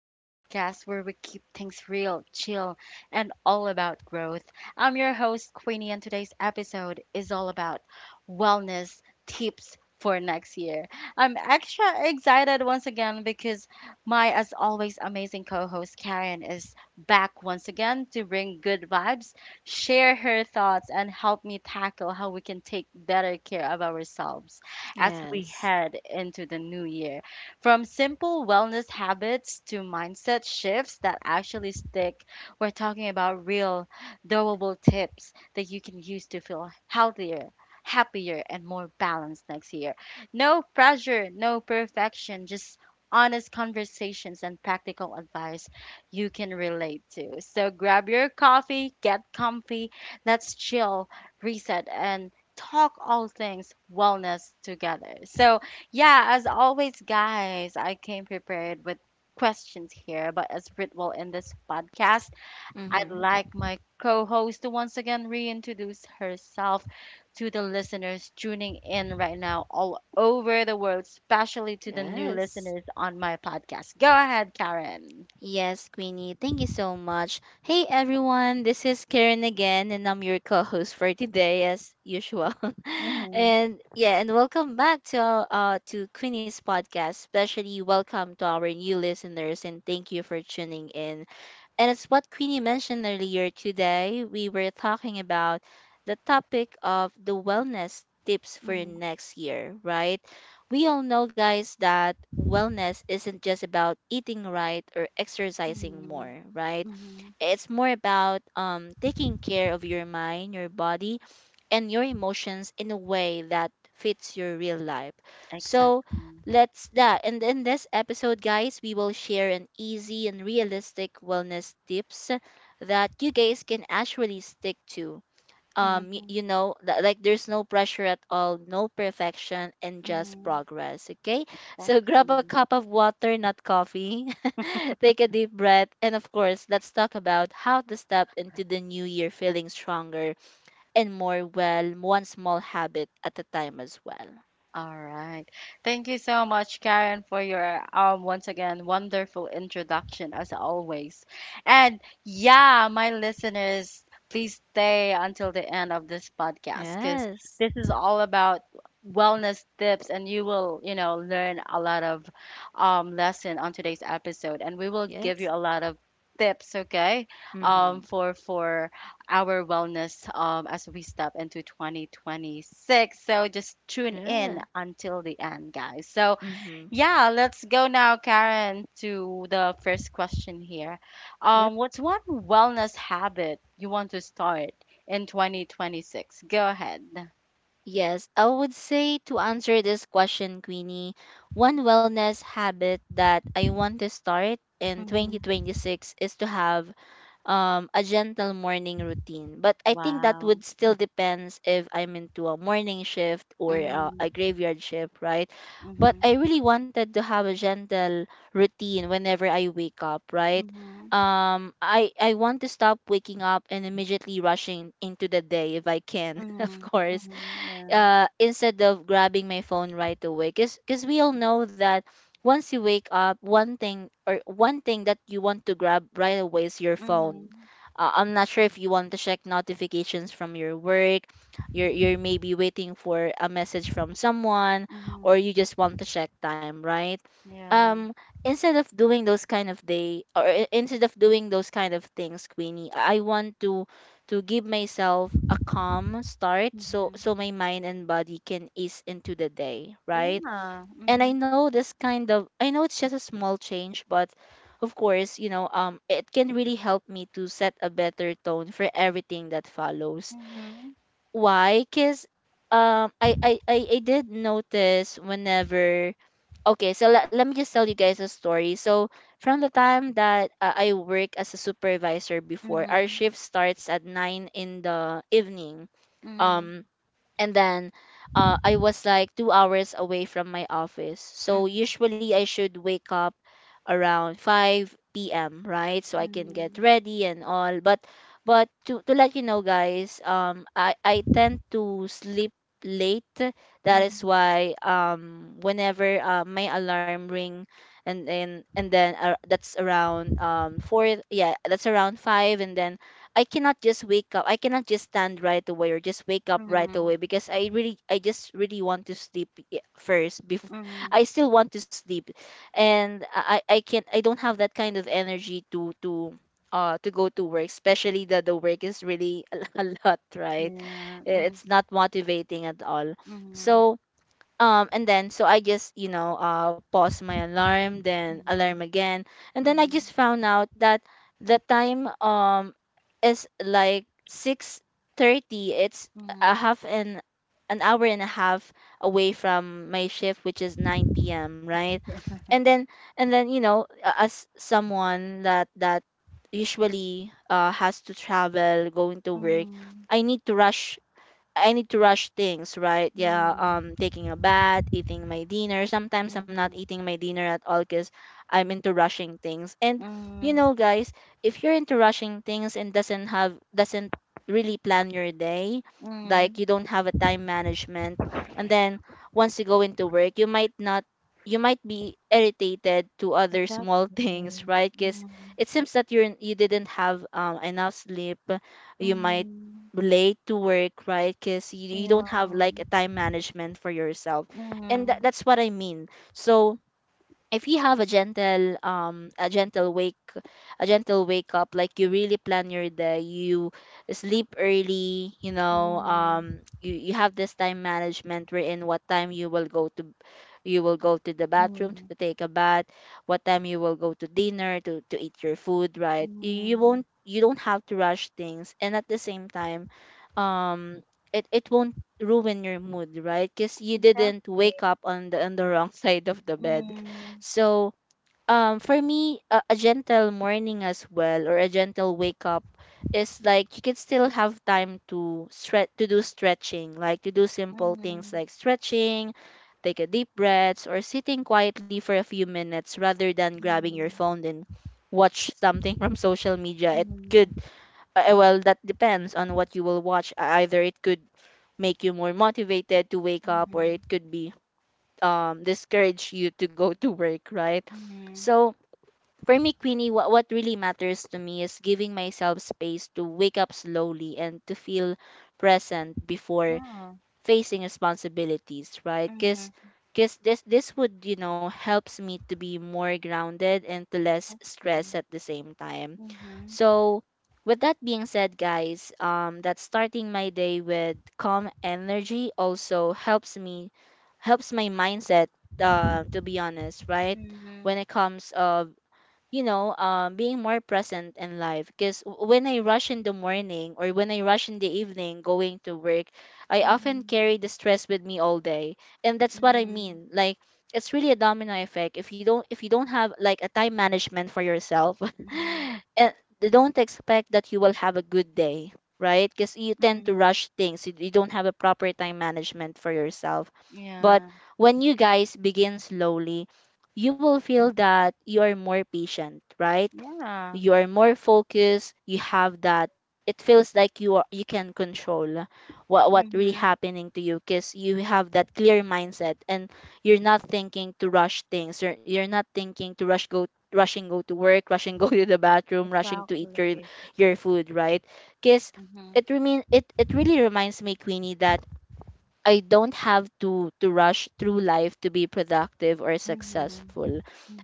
the podcast where we keep things real, chill, and all about growth. I'm your host, Queenie, and today's episode is all about wellness tips for next year. I'm extra excited once again because my, as always, amazing co host Karen is back once again to bring good vibes, share her thoughts, and help me tackle how we can take better care of ourselves as we Yes. head into the new year. From simple wellness habits to mindset shifts that actually stick, we're talking about real, doable tips that you can use to feel healthier, happier and more balanced next year. No pressure, no perfection, just honest conversations and practical advice you can relate to. So grab your coffee, get comfy, let's chill, reset, and talk all things wellness together. So, yeah, as always, guys, I came prepared with questions here, but as ritual in this podcast, I'd Mm-hmm. like my co host to once again reintroduce herself to the listeners tuning in right now all over the world, especially to the new Yes. listeners on my podcast. Go ahead, Karen. Yes, Queenie, thank you so much. Hey, everyone. This is Karen again, and I'm your co-host for today, as usual. Mhm, And welcome back to Queenie's podcast. Especially welcome to our new listeners, and thank you for tuning in. And as what Queenie mentioned earlier today, we were talking about the topic of the wellness tips for mhm, next year, right? We all know, guys, that wellness isn't just about eating right or exercising mhm, more, right? mhm. It's more about taking care of your mind, your body, and your emotions in a way that fits your real life. So Exactly. let's that. And in this episode, guys, we will share an easy and realistic wellness tips that you guys can actually stick to um y- Mhm, you know li- like there's no pressure at all, no perfection, and just mhm. progress, okay? So grab a Exactly. cup of water, not coffee, take a deep breath, and of course let's talk about how to step into the new year feeling stronger and more well, one small habit at a time as well. All right. Thank you so much, Karen, for your once again wonderful introduction as always. And yeah, my listeners, please stay until the end of this podcast because Yes. this is all about wellness tips and you will, you know, learn a lot of lesson on today's episode, and we will Yeah. give you a lot of tips, okay? Um Mm-hmm. for for our wellness, as we step into 2026. So just tune in Yeah. until the end, guys. So, Mm-hmm. yeah, let's go now, Karen, to the first question here. What's one wellness habit you want to start in 2026? Go ahead. Yes, I would say, to answer this question, Queenie, one wellness habit that I want to start in Hmm. 2026 is to have a gentle morning routine. But I think that Wow. would still depends if I'm into a morning shift or a Mm-hmm. graveyard shift, right? But Mm-hmm. I really wanted to have a gentle routine whenever I wake up, right? Mm-hmm. I want to stop waking up and immediately rushing into the day if I can, Mm-hmm. of course, Mm-hmm. Yeah. Instead of grabbing my phone right away, because we all know that once you wake up, one thing that you want to grab right away is your phone. Mm-hmm. Uh, I'm not sure if you want to check notifications from your work. You're maybe waiting for a message from someone, or Mm-hmm. you just want to check time, right? Yeah. Um instead of doing those kind of day or I- Instead of doing those kind of things, Queenie, I want to give myself a calm start, so Mm-hmm. so my mind and body can ease into the day, right? Yeah. And I Mm-hmm. know this kind of I know it's just a small change, but of course, you know, it can really help me to set a better tone for everything that follows. Mm-hmm. Why? Because I did notice whenever, okay, so let me just tell you guys a story. So from the time that I work as a supervisor, before our Mm-hmm. shift starts at 9 in the evening, Mhm, um and then I was like 2 hours away from my office. So mhm, usually I should wake up around 5 p.m., right, so I can get mhm, ready and all. But to let you know, guys, I tend to sleep late. That is mhm, why whenever my alarm ring, and then that's around four, yeah, that's around five, and then I cannot just wake up. I cannot just stand right away or just wake up right mhm, away because I just really want to sleep first, before mhm. I still want to sleep. And I don't have that kind of energy to go to work, especially that the work is really a lot, right? Yeah, mhm, It's not motivating at all. mhm, So, and then so I just, you know, pause my alarm then alarm mhm, again, and then I mhm, just found out that the time is like 6:30. It's mhm. a half an hour and a half away from my shift, which is 9 p.m., right? Yeah. And then and then you know, as someone that usually has to travel going to work, Mm, i need to rush I need to rush things, right? Yeah, mm, taking a bath, eating my dinner. Sometimes I'm not mm, eating my dinner at all because I'm into rushing things. And you mm, know, guys, if you're into rushing things and doesn't really plan your day, like mm. you don't have a time management, and then once you go into work, you might not you might be irritated to other small Exactly. things, right? Because Mm, it seems that you didn't have, enough sleep. You might mhm. late to work, right? Because you don't have Yeah. like a time management for yourself. And Mm, that's what I mean. So, if you have a gentle wake up, like you really plan your day, you sleep early, you know, mm, you have this time management wherein what time you will go to the bathroom to mm, take a bath, what time you will go to dinner to eat your food, right? You mm. won't, you don't have to rush things, and at the same time, um it won't ruin your mood, right? Because you didn't Exactly. wake up on the wrong side of the bed. Mm, So, for me, a gentle morning as well, or a gentle wake up, is like you can still have time to stretch, to do stretching, like to do simple things mm, like stretching, take a deep breath, or sitting quietly for a few minutes rather than grabbing your mm, phone and watch something from social media. It mm, could, well, that depends on what you will watch. Either it could make you more motivated to wake up, or it mm, could be discourage you to go to work, right? mm. So for me, Queenie, what really matters to me is giving myself space to wake up slowly and to feel present before Yeah. facing responsibilities, right? Because Mm. this would, you know, helps me to be more grounded and to less Okay. stress at the same time. Mhm. So, with that being said, guys, that starting my day with calm energy also helps my mindset, to be honest, right? When Mhm. it comes of, you know, being more present in life. Because when I rush in the morning, or when I rush in the evening going to work, I often Mhm. carry the stress with me all day, and that's what I Mhm. mean. Like, it's really a domino effect. If you don't have like a time management for yourself, Mhm. and don't expect that you will have a good day, right? Because you tend Mhm. to rush things. You don't have a proper time management for yourself. But Yeah. when you guys begin slowly, you will feel that you are more patient, right? Yeah. You are more focused. You have that. It feels like you can control what really Mhm. happening to you, because you have that clear mindset and you're not thinking to rush things. You're not thinking to rushing go to work, rushing go to the bathroom, rushing to eat Exactly. your food, right? Because Mhm. it remain it it really reminds me, Queenie, that I don't have to rush through life to be productive or Mhm. successful.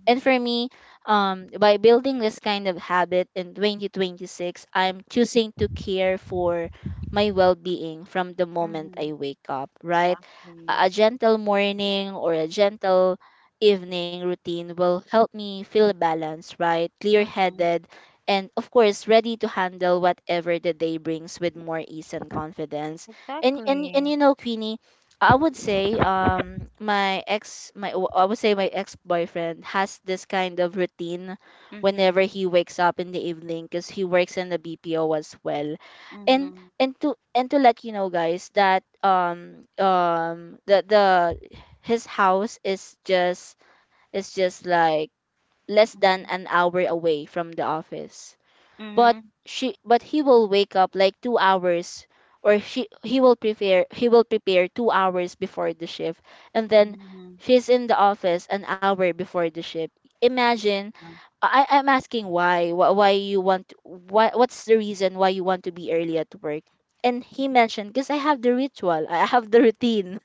And for me, by building this kind of habit in 2026, I'm choosing to care for my well-being from the moment I Mhm. wake up, right? A Exactly. gentle morning or a gentle evening routine will help me feel balanced, right? Mhm. Clear-headed, and of course ready to handle whatever the day brings with more ease and confidence. And Exactly. you know, Queenie, I would say, my ex my w- I would say my ex-boyfriend has this kind of routine Mhm. whenever he wakes up in the evening because he works in the BPO as well. And Mhm. To let you know, guys, that the his house is just like less than Mhm. an hour away from the office. But she but he will wake up like 2 hours, or she he will prepare, he will prepare 2 hours before the shift, and then Mhm. she's in the office an hour before the shift. Imagine. Mhm. I'm asking why, wh- why you want why what's the reason why you want to be early at work? And he mentioned, because I have the ritual, I have the routine,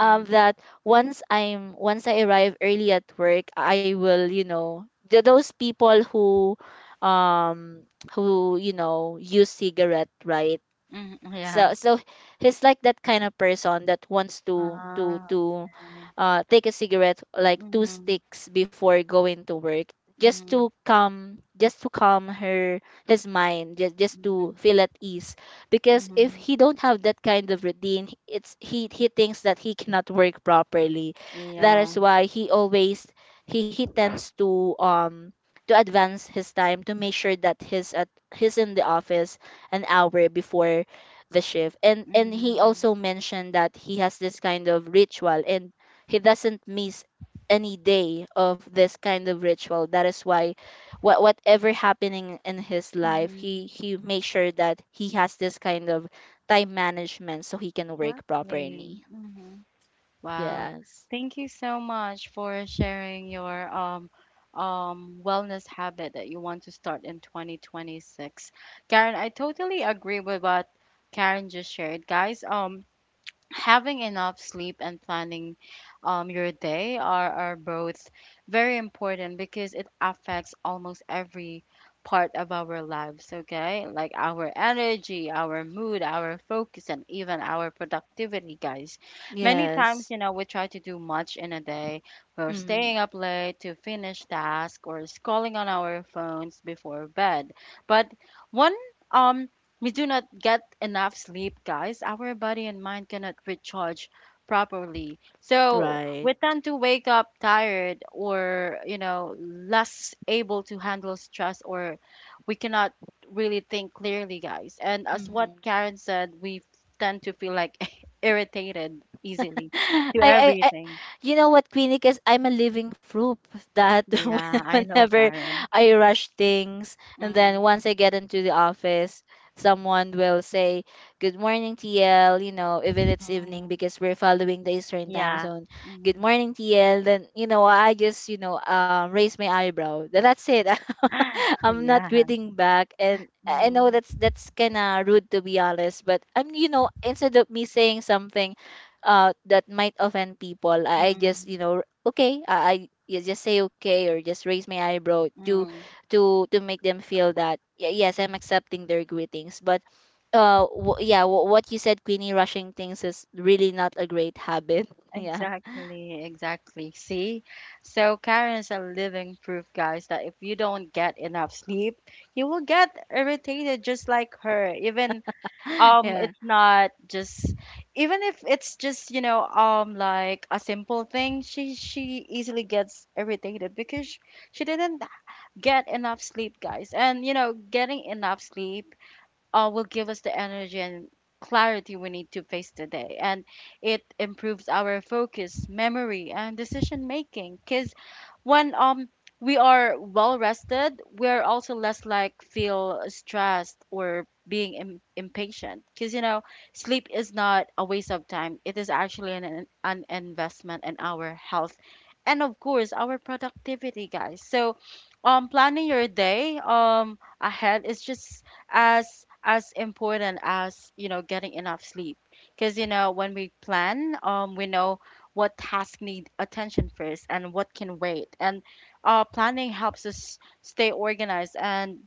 that once I arrive early at work, I will, you know, those people who, um who, you know, use cigarette, right? Mhm. Yeah. So he's like that kind of person that wants to to Ah, to okay. uh take a cigarette, like two Mhm. sticks, before going to work, just to Mhm. calm, just to calm her his mind, just to Mhm. feel at ease. Because if Mhm. he don't have that kind of routine, h- it's he thinks that he cannot work properly. That Yeah. is why he always, he tends to advance his time to make sure that He's at he's in the office an hour before the shift. And he Mhm. also mentioned that he has this kind of ritual, and he doesn't miss any day of this kind of ritual. That is why whatever happening in his life, Mhm. he makes sure that he has this kind of time management so he can work Exactly. properly. Hmm. Wow. Yes. Thank you so much for sharing your wellness habit that you want to start in 2026. Karen, I totally agree with what Karen just shared. Guys, um, having enough sleep and planning, your day are both very important because it affects almost every part of our lives, okay, like our energy, our mood, our focus, and even our productivity, guys. Many times, Yes. you know, we try to do much in a day, we're Mm. staying up late to finish tasks or scrolling on our phones before bed, but one um we do not get enough sleep, guys. Our body and mind cannot recharge properly. So Right. we tend to wake up tired or, you know, less able to handle stress, or we cannot really think clearly, guys. And as what Karen said, we tend to feel like irritated easily to I, I, I, everything. you know what, Queenie? Because I'm a living proof that Yeah, I know, whenever Karen. I rush things, and then Mm, once I get into the office, someone will say, "Good morning, TL." You know, even it's evening mm, because we're following the Eastern time yeah. zone. Good Mm, morning, TL. Then I just raise my eyebrow. That's it. I'm not yeah. greeting back, and I know Mm, that's kind of rude, to be honest. But instead of me saying something that might offend people, I just mm, okay, I you just say okay or just raise my eyebrow to mm. To make them feel that yes, I'm accepting their greetings. But yeah, what you said, Queenie, rushing things is really not a great habit. Yeah. Exactly, exactly. See? So Karen's a living proof, guys, that if you don't get enough sleep, you will get irritated just like her. Even Yeah. it's not just even if it's just, you know, um, like a simple thing, she easily gets irritated because she didn't get enough sleep, guys. And you know, getting enough sleep, will give us the energy and clarity we need to face the day. And it improves our focus, memory, and decision making. Because when we are well rested, we are also less like feel stressed or being impatient. Because you know, sleep is not a waste of time. It is actually an investment in our health. And of course, our productivity, guys. So, planning your day um, ahead is just as important as, you know, getting enough sleep because you know, when we plan, um, we know what tasks need attention first and what can wait. And uh, planning helps us stay organized, and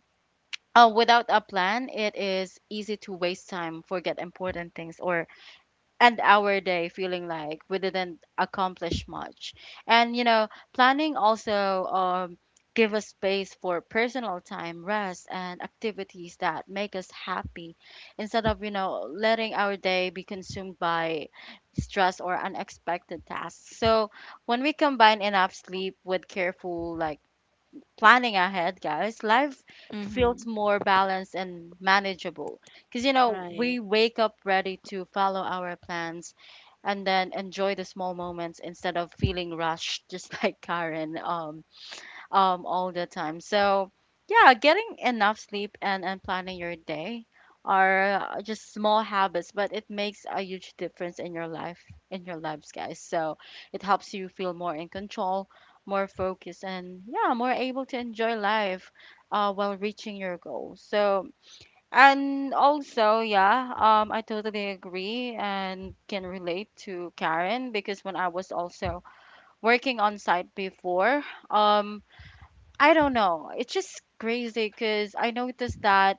without a plan it is easy to waste time, forget important things, or end our day feeling like we didn't accomplish much. And you know, planning also, um, give us space for personal time, rest, and activities that make us happy, instead of, you know, letting our day be consumed by stress or unexpected tasks. So when we combine enough sleep with careful like planning ahead, guys, life Mm-hmm. feels more balanced and manageable. Because, you know, Right. we wake up ready to follow our plans and then enjoy the small moments instead of feeling rushed, just like Karen. All the time. So, yeah, getting enough sleep and planning your day are, just small habits, but it makes a huge difference in your life, in your lives, guys. So, it helps you feel more in control, more focused, and yeah, more able to enjoy life, while reaching your goals. So, and also, yeah, I totally agree and can relate to Karen because when I was also working on site before, um, I don't know. It's just crazy because I noticed that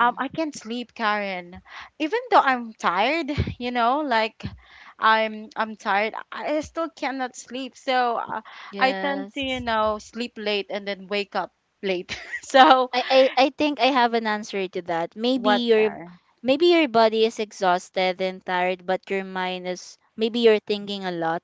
um, I can't sleep, Karen. Even though I'm tired, you know, like I'm tired, I still cannot sleep. So I tend to, Yes. you know, sleep late and then wake up late. So I I think I have an answer to that. what, Karen? Maybe your body is exhausted and tired, but your mind is maybe you're thinking a lot,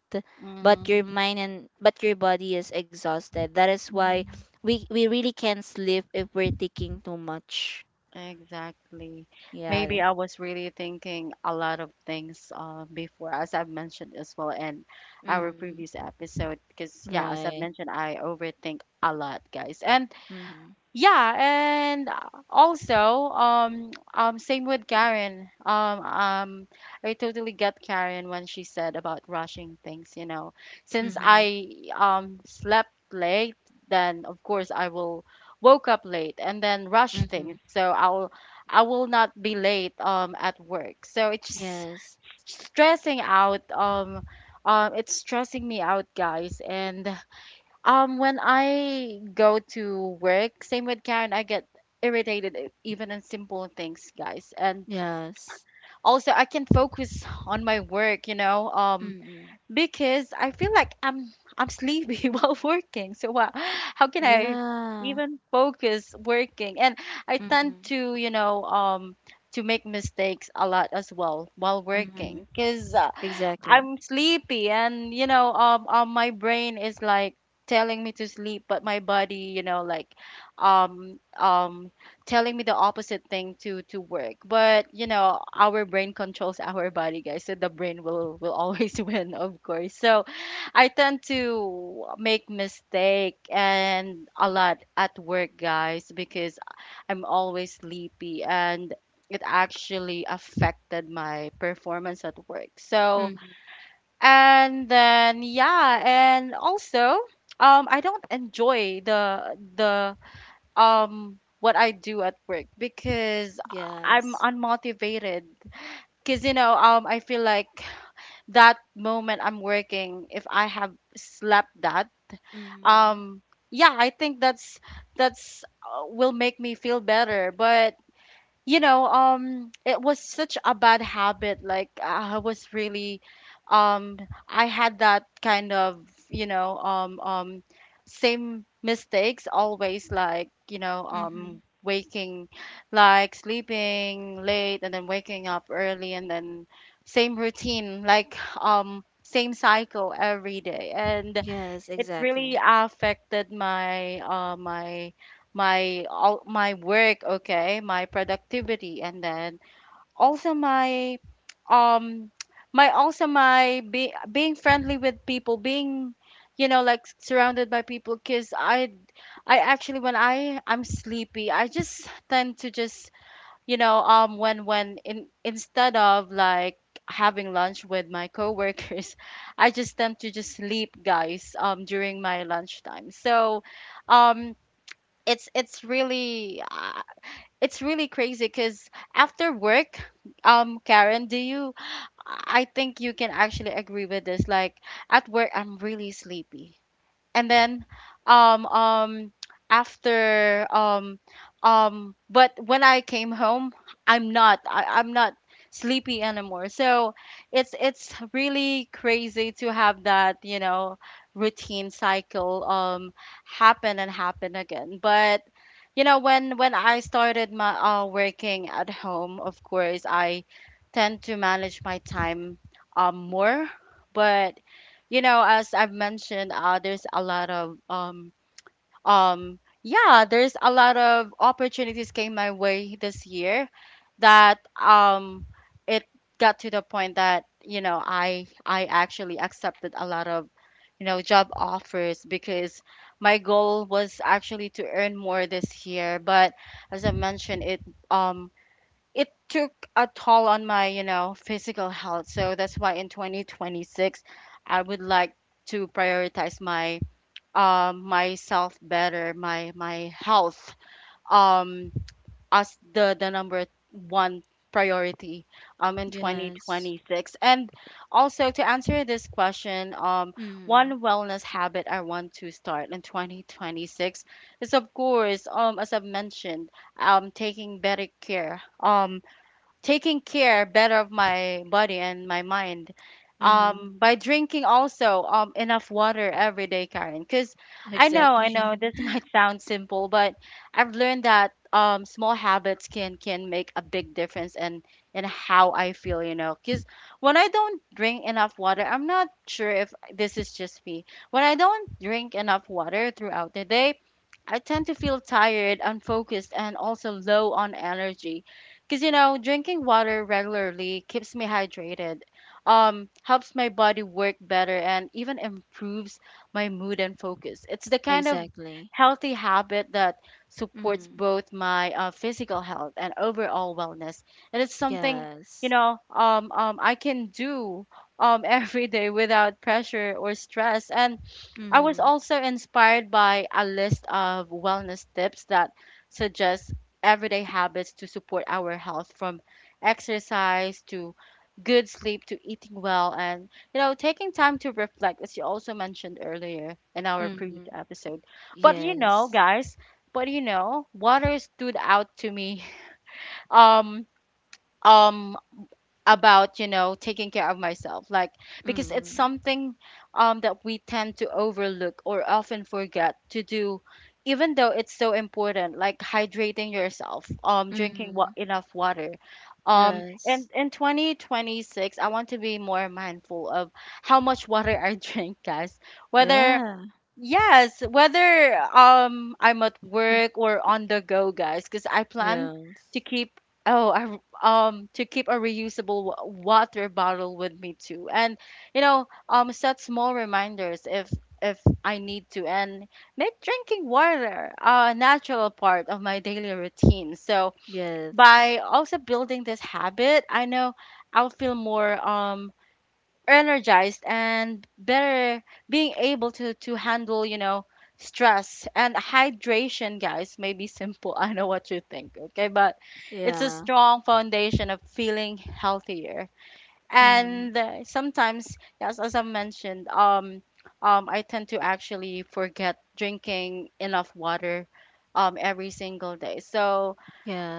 but your Mm-hmm. mind and but your body is exhausted. That is why Mm-hmm. we really can't sleep if we're thinking too much. Exactly. Yeah. Maybe I was really thinking a lot of things, before, as I've mentioned as well in our Mm-hmm. previous episode, because yeah, as I've Right. mentioned, I overthink a lot, guys. And Mm-hmm. yeah, and also, same with Karen. I totally get Karen when she said about rushing things, you know. Since Mm-hmm. I um, slept late, then of course I will woke up late and then rush Mm-hmm. things. So I will not be late um, at work. So it's just Yes. stressing out it's stressing me out, guys. And when I go to work, same with Karen, I get irritated, even in simple things, guys. And Yes. also, I can focus on my work, you know. Mm-hmm. Because I feel like I'm sleepy while working. So what, how can I Yeah. even focus working? And I tend Mm-hmm. to, you know, um, to make mistakes a lot as well while Mm-hmm. working because Exactly. I'm sleepy, and you know um, my brain is like telling me to sleep, but my body, you know, like um um telling me the opposite thing, to work. But you know, our brain controls our body, guys, so the brain will always win, of course. So I tend to make mistake and a lot at work, guys, because I'm always sleepy, and it actually affected my performance at work. So Mm-hmm. and then yeah, and also um, I don't enjoy the what I do at work because I'm Yes. unmotivated. Cause you know, um, I feel like that moment I'm working, if I have slept that, Mm-hmm. um, yeah, I think that's will make me feel better. But you know, um, it was such a bad habit, like I was really um, I had that kind of, you know, same mistakes always, like you know, Mm-hmm. um, waking like sleeping late and then waking up early, and then same routine like, um, same cycle every day. And Yes, it really exactly. affected my uh, all my work, okay, my productivity, and then also my um, my also my being friendly with people, being you know, like surrounded by people, because i actually when i'm sleepy, I just tend to just, you know, um, when in instead of like having lunch with my coworkers, I just tend to just sleep, guys, um, during my lunchtime. So, um, it's really it's really crazy because after work, um, Karen, do you, I think you can actually agree with this, like at work I'm really sleepy, and then um, um, after but when I came home I'm not, I'm not sleepy anymore. So it's really crazy to have that, you know, routine cycle, um, happen and happen again. But you know, when I started my, working at home, of course I tend to manage my time um, more. But you know, as I've mentioned, there's a lot of yeah, there's a lot of opportunities came my way this year that um, it got to the point that, you know, i actually accepted a lot of, you know, job offers, because my goal was actually to earn more this year. But as I mentioned it, um, it took a toll on My physical health, so that's why in 2026 I would like to prioritize my myself better, my health um as the number one priority in Yes. 2026. And also, to answer this question, Mm-hmm. one wellness habit I want to start in 2026 is, of course, as I've mentioned, taking better care. Taking care better of my body and my mind Mm-hmm. By drinking also enough water every day, Karen, because I know Exactly. this might sound simple, but I've learned that small habits can make a big difference in how I feel, because when I don't drink enough water I'm not sure if this is just me when I don't drink enough water throughout the day, I tend to feel tired, unfocused, and also low on energy, because, drinking water regularly keeps me hydrated, helps my body work better, and even improves my mood and focus. It's the kind of Exactly. healthy habit that supports Mm-hmm. both my physical health and overall wellness. And it's something, Yes. I can do, every day without pressure or stress. And I was Mm-hmm. also inspired by a list of wellness tips that suggest everyday habits to support our health, from exercise to good sleep to eating well, and taking time to reflect, as you also mentioned earlier in our previous Mm-hmm. episode. But you know Yes. guys, but water stood out to me. um um about taking care of myself, like, because it's Mm-hmm. something that we tend to overlook or often forget to do, even though it's so important, like hydrating yourself, Mm-hmm. enough water. Yes. And in 2026, I want to be more mindful of how much water I drink, guys, whether— Yeah. Yes, whether I'm at Mm. work or on the go, guys, because I plan to Yes. keep— to keep a reusable water bottle with me too, and set small reminders if I need to, and make drinking water a natural part of my daily routine. So Yes. by also building this habit, I know I'll feel more energized and better, being able to handle, stress. And hydration, guys, may be simple, I know what you think, okay, but it's a Yeah. strong foundation of feeling healthier. Mm-hmm. And sometimes, yes, as I mentioned, I tend to actually forget drinking enough water every single day. So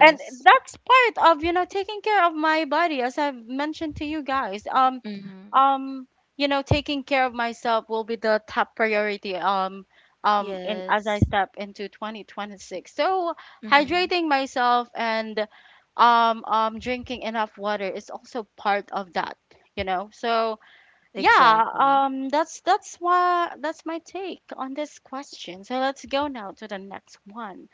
and that's part of, taking care of my body, as I've mentioned to you guys. Mm-hmm. um taking care of myself will be the top priority, in as I Yes. step into 2026. So Mm-hmm. hydrating myself and drinking enough water is also part of that, so. Yeah, Exactly. That's why— that's my take on this question. So let's go now to the next one.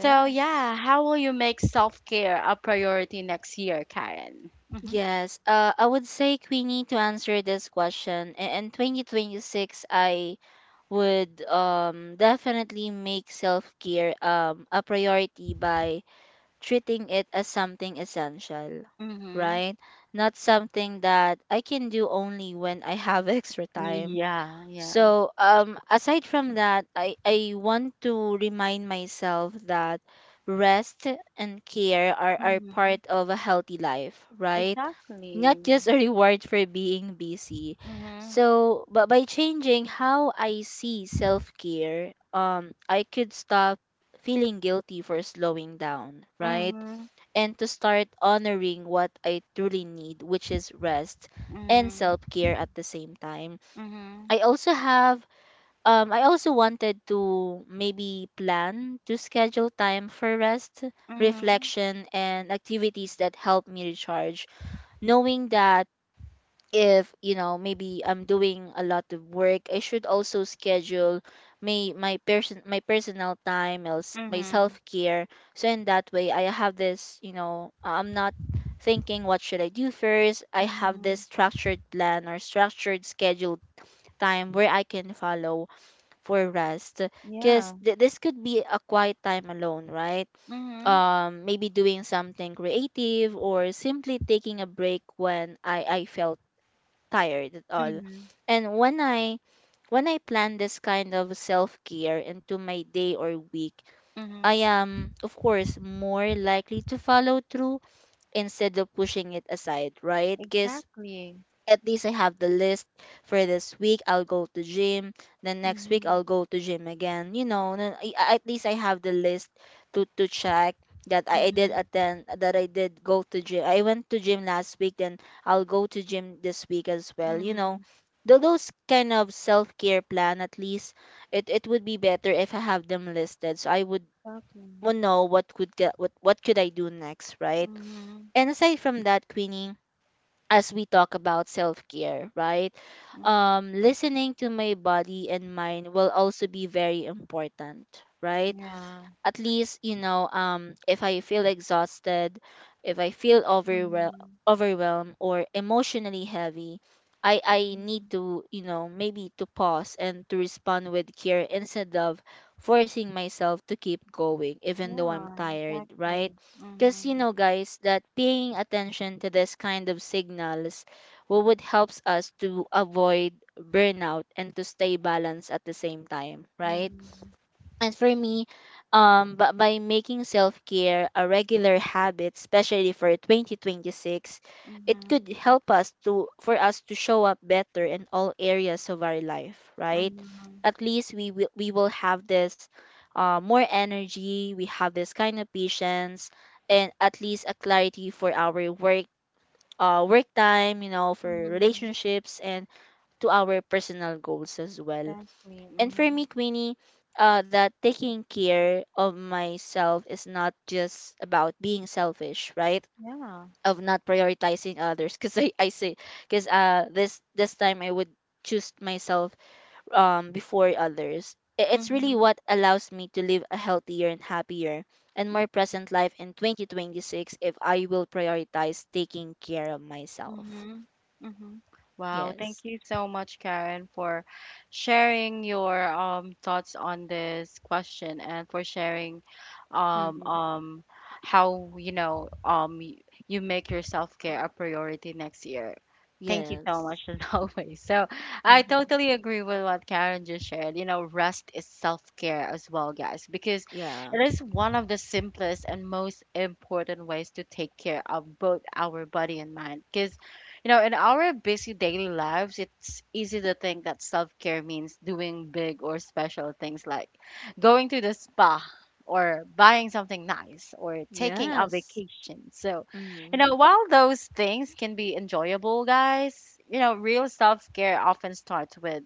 So, yeah, how will you make self-care a priority next year, Karen? Mm-hmm. Yes. I would say, Queenie, to answer this question. In 2026, I would definitely make self care a priority by treating it as something essential, Mm-hmm. right? Not something that I can do only when I have extra time. Yeah, yeah. So, aside from that, I want to remind myself that rest and care are Mm-hmm. part of a healthy life, right? Exactly. Not just a reward for being busy. Mm-hmm. So, but by changing how I see self care, I could stop feeling guilty for slowing down, right? Mm-hmm. And to start honoring what I truly need, which is rest and Mm-hmm. self care at the same time. Mm-hmm. I also have I also wanted to maybe plan to schedule time for rest, Mm-hmm. reflection, and activities that help me recharge, knowing that if you know, maybe I'm doing a lot of work, I should also schedule my personal time, else my Mm-hmm. self-care. So in that way, I have this, you know, I'm not thinking what should I do first. I have this Mm-hmm. structured plan or structured scheduled time where I can follow for rest. Because Yeah. This could be a quiet time alone, right? Mm-hmm. Maybe doing something creative or simply taking a break when I felt tired at all. Mm-hmm. And when I when I plan this kind of self-care into my day or week, I Mm-hmm. am of course more likely to follow through instead of pushing it aside, right? Because Exactly. at least I have the list for this week. I'll go to gym. Then next week, Mm-hmm. I'll go to gym again. You know, then at least I have the list to check that I did Mm-hmm. attend, that I did go to gym. I went to gym last week. Then I'll go to gym this week as well. You know, Mm-hmm. Those kind of self care plan. At least it would be better if I have them listed, so I would Exactly. Know what could get what could I do next, right? Mm-hmm. And aside from that, Queenie, as we talk about self care, right? Mm-hmm. Listening to my body and mind will also be very important, right? Yeah. At least, you know, if I feel exhausted, if I feel Mm-hmm. overwhelmed or emotionally heavy, I need Mm-hmm. to, you know, maybe to pause and to respond with care instead of forcing myself to keep going even though I'm Yeah, tired, right? exactly. Because you Mm-hmm. know, guys, that paying attention to this kind of signals would helps us to avoid burnout and to stay balanced at the same time, right? Mm-hmm. And for me, but by making self care a regular habit, especially for 2026, it Mm-hmm. could help us to for us to show up better in all areas of our life, right? Mm-hmm. At least we will have this more energy, we have this kind of patience, and at least a clarity for our work work time, you know, for Mm-hmm. relationships and to our personal goals as well. Exactly. And for me, Mm-hmm. Queenie, that taking care of myself is not just about being selfish, right? Yeah. Of not prioritizing others, because I say, because this time I would choose myself before others. It's really Mm-hmm. what allows me to live a healthier and happier and more Mm-hmm. present life in 2026 if I will prioritize taking care of myself. Mm-hmm. Mm-hmm. Wow, thank Yes. you so much, Karen, for sharing your thoughts on this question, and for sharing um Mm-hmm. um how, you make your self-care a priority next year. Thank you so Yes. much, as always. So, I Mm-hmm. totally agree with what Karen just shared. Rest is self-care as well, guys, because Yeah. it is one of the simplest and most important ways to take care of both our body and mind. Because, in our busy daily lives, it's easy to think that self care means doing big or special things, like going to the spa, or buying something nice, or taking a Yes. vacation. So, Mm-hmm. While those things can be enjoyable, guys, real self care often starts with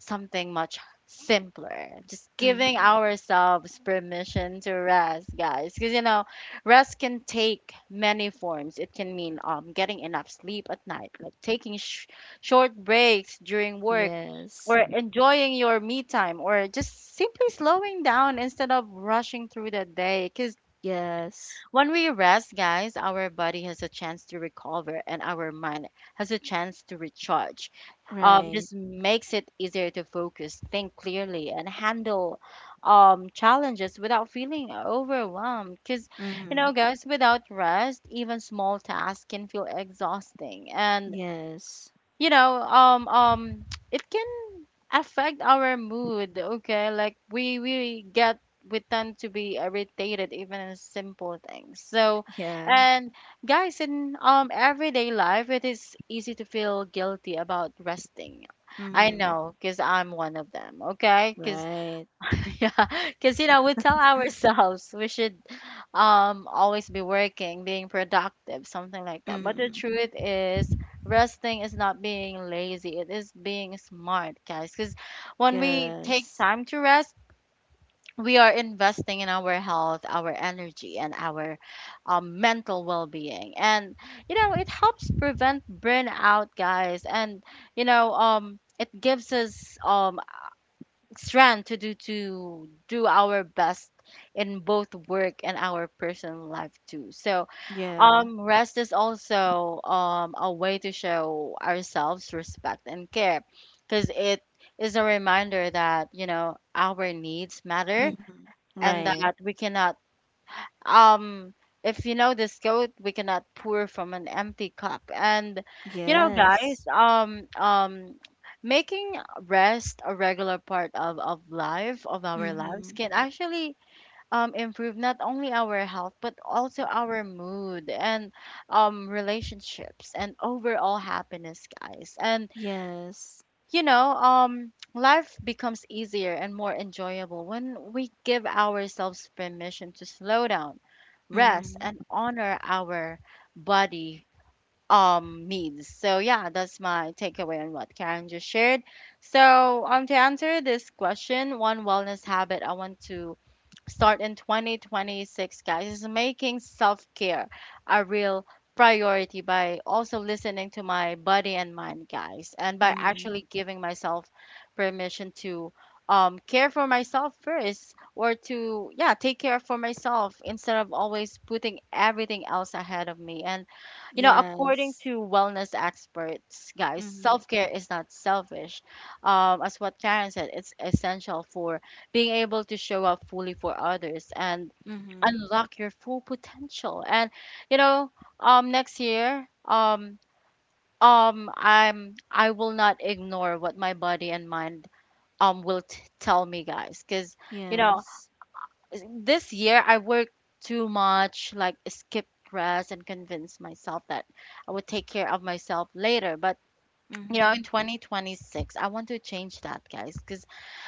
something much simpler. Just giving Mm-hmm. ourselves permission to rest, guys. Because, rest can take many forms. It can mean getting enough sleep at night, like taking short breaks during work, Yes. or enjoying your me time, or just simply slowing down instead of rushing through the day. Because Yes. when we rest, guys, our body has a chance to recover and our mind has a chance to recharge. Right. This makes it easier to focus, think clearly, and handle challenges without feeling overwhelmed. Because, Mm-hmm. Guys, without rest, even small tasks can feel exhausting. And Yes. you know um um it can affect our mood, okay, like we get— we tend to be irritated even in simple things. So Yeah. and, guys, in everyday life, it is easy to feel guilty about resting. I Mm-hmm. know, because I'm one of them, okay, because Right. yeah, because, we tell ourselves we should always be working, being productive, something like that. But the Mm-hmm. truth is, resting is not being lazy, it is being smart, guys. Because when we take Yes. time to rest, we are investing in our health, our energy, and our mental well being. And it helps prevent burnout, guys. And it gives us strength to do our best in both work and our personal life too. So Yeah. Rest is also a way to show ourselves respect and care, because it is a reminder that, our needs matter, Mm-hmm. and Right. that we cannot um if you know this goat we cannot pour from an empty cup. And you know Yes. guys making rest a regular part of our Mm-hmm. lives can actually improve not only our health, but also our mood and relationships and overall happiness, guys. And Yes. Life becomes easier and more enjoyable when we give ourselves permission to slow down, rest, and Mm-hmm. honor our body needs. So yeah, that's my takeaway on what Karen just shared. So to answer this question, one wellness habit I want to start in 2026, guys, is making self care a real priority by also listening to my body and mind, guys, and by Mm-hmm. actually giving myself permission to care for myself first, or to, yeah, take care for myself, instead of always putting everything else ahead of me. And, according Yes. to wellness experts, guys, Mm-hmm. self care is not selfish. As what Karen said, it's essential for being able to show up fully for others and Mm-hmm. unlock your full potential. And you know, next year, I will not ignore what my body and mind will tell me, guys, because, you know, Yes. this year I worked too much, like skipped rest and convinced myself that I would take care of myself later. But, in Mm-hmm. 2026, I want to change that, guys, because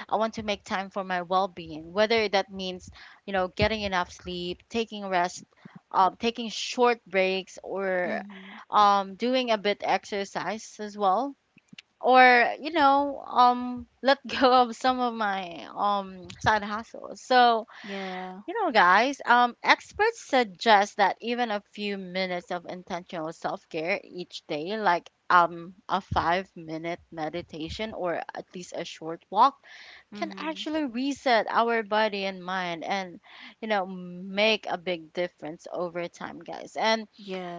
I want to make time for my well-being, whether that means, getting enough sleep, taking rest, taking short breaks, or Mm-hmm. Doing a bit exercise as well, or, let go of some of my side hustles. So, Yeah. Guys, experts suggest that even a few minutes of intentional self-care each day, like a 5 minute meditation or at least a short walk, can Mm-hmm. actually reset our body and mind, and, make a big difference over time, guys. And,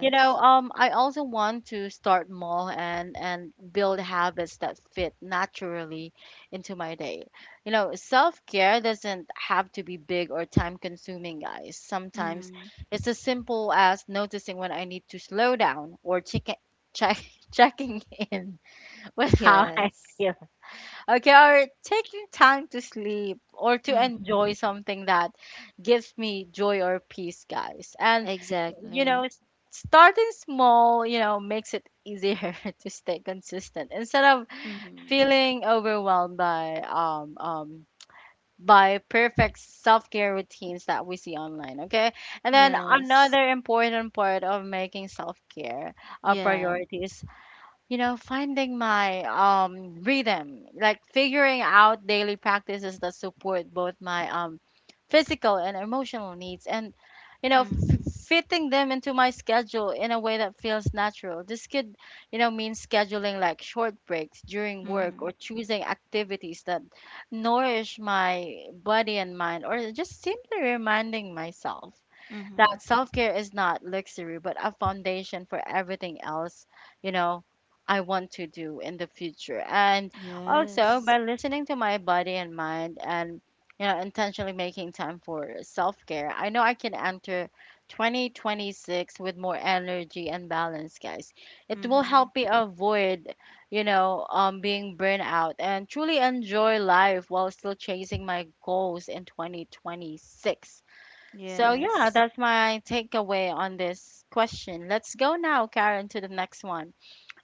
I also want to start more, and build habits that fit naturally into my day. Self-care doesn't have to be big or time consuming guys. Sometimes Mm-hmm. it's as simple as noticing when I need to slow down, or check check checking in with how I Yes. feel. Okay, or taking time to sleep, or to Mm-hmm. enjoy something that gives me joy or peace, guys. And, you know, Exactly. s- starting small, makes it easier to stay consistent instead of Mm-hmm. feeling overwhelmed by perfect self-care routines that we see online, okay? And then, Yes. another important part of making self-care a Yeah. priority is, finding my rhythm, like figuring out daily practices that support both my physical and emotional needs, and, you know, f- Mhm. fitting them into my schedule in a way that feels natural. This could, mean scheduling like short breaks during work, Mhm. or choosing activities that nourish my body and mind, or just simply reminding myself that Mhm. self care is not luxury, but a foundation for everything else, you know, I want to do in the future. And also, Yes. by listening to my body and mind, and, intentionally making time for self care. I know I can enter 2026 with more energy and balance, guys. It will Mhm. help me avoid, being burned out and truly enjoy life while still chasing my goals in 2026. So Yes. yeah, that's my takeaway on this question. Let's go now, Karen, to the next one.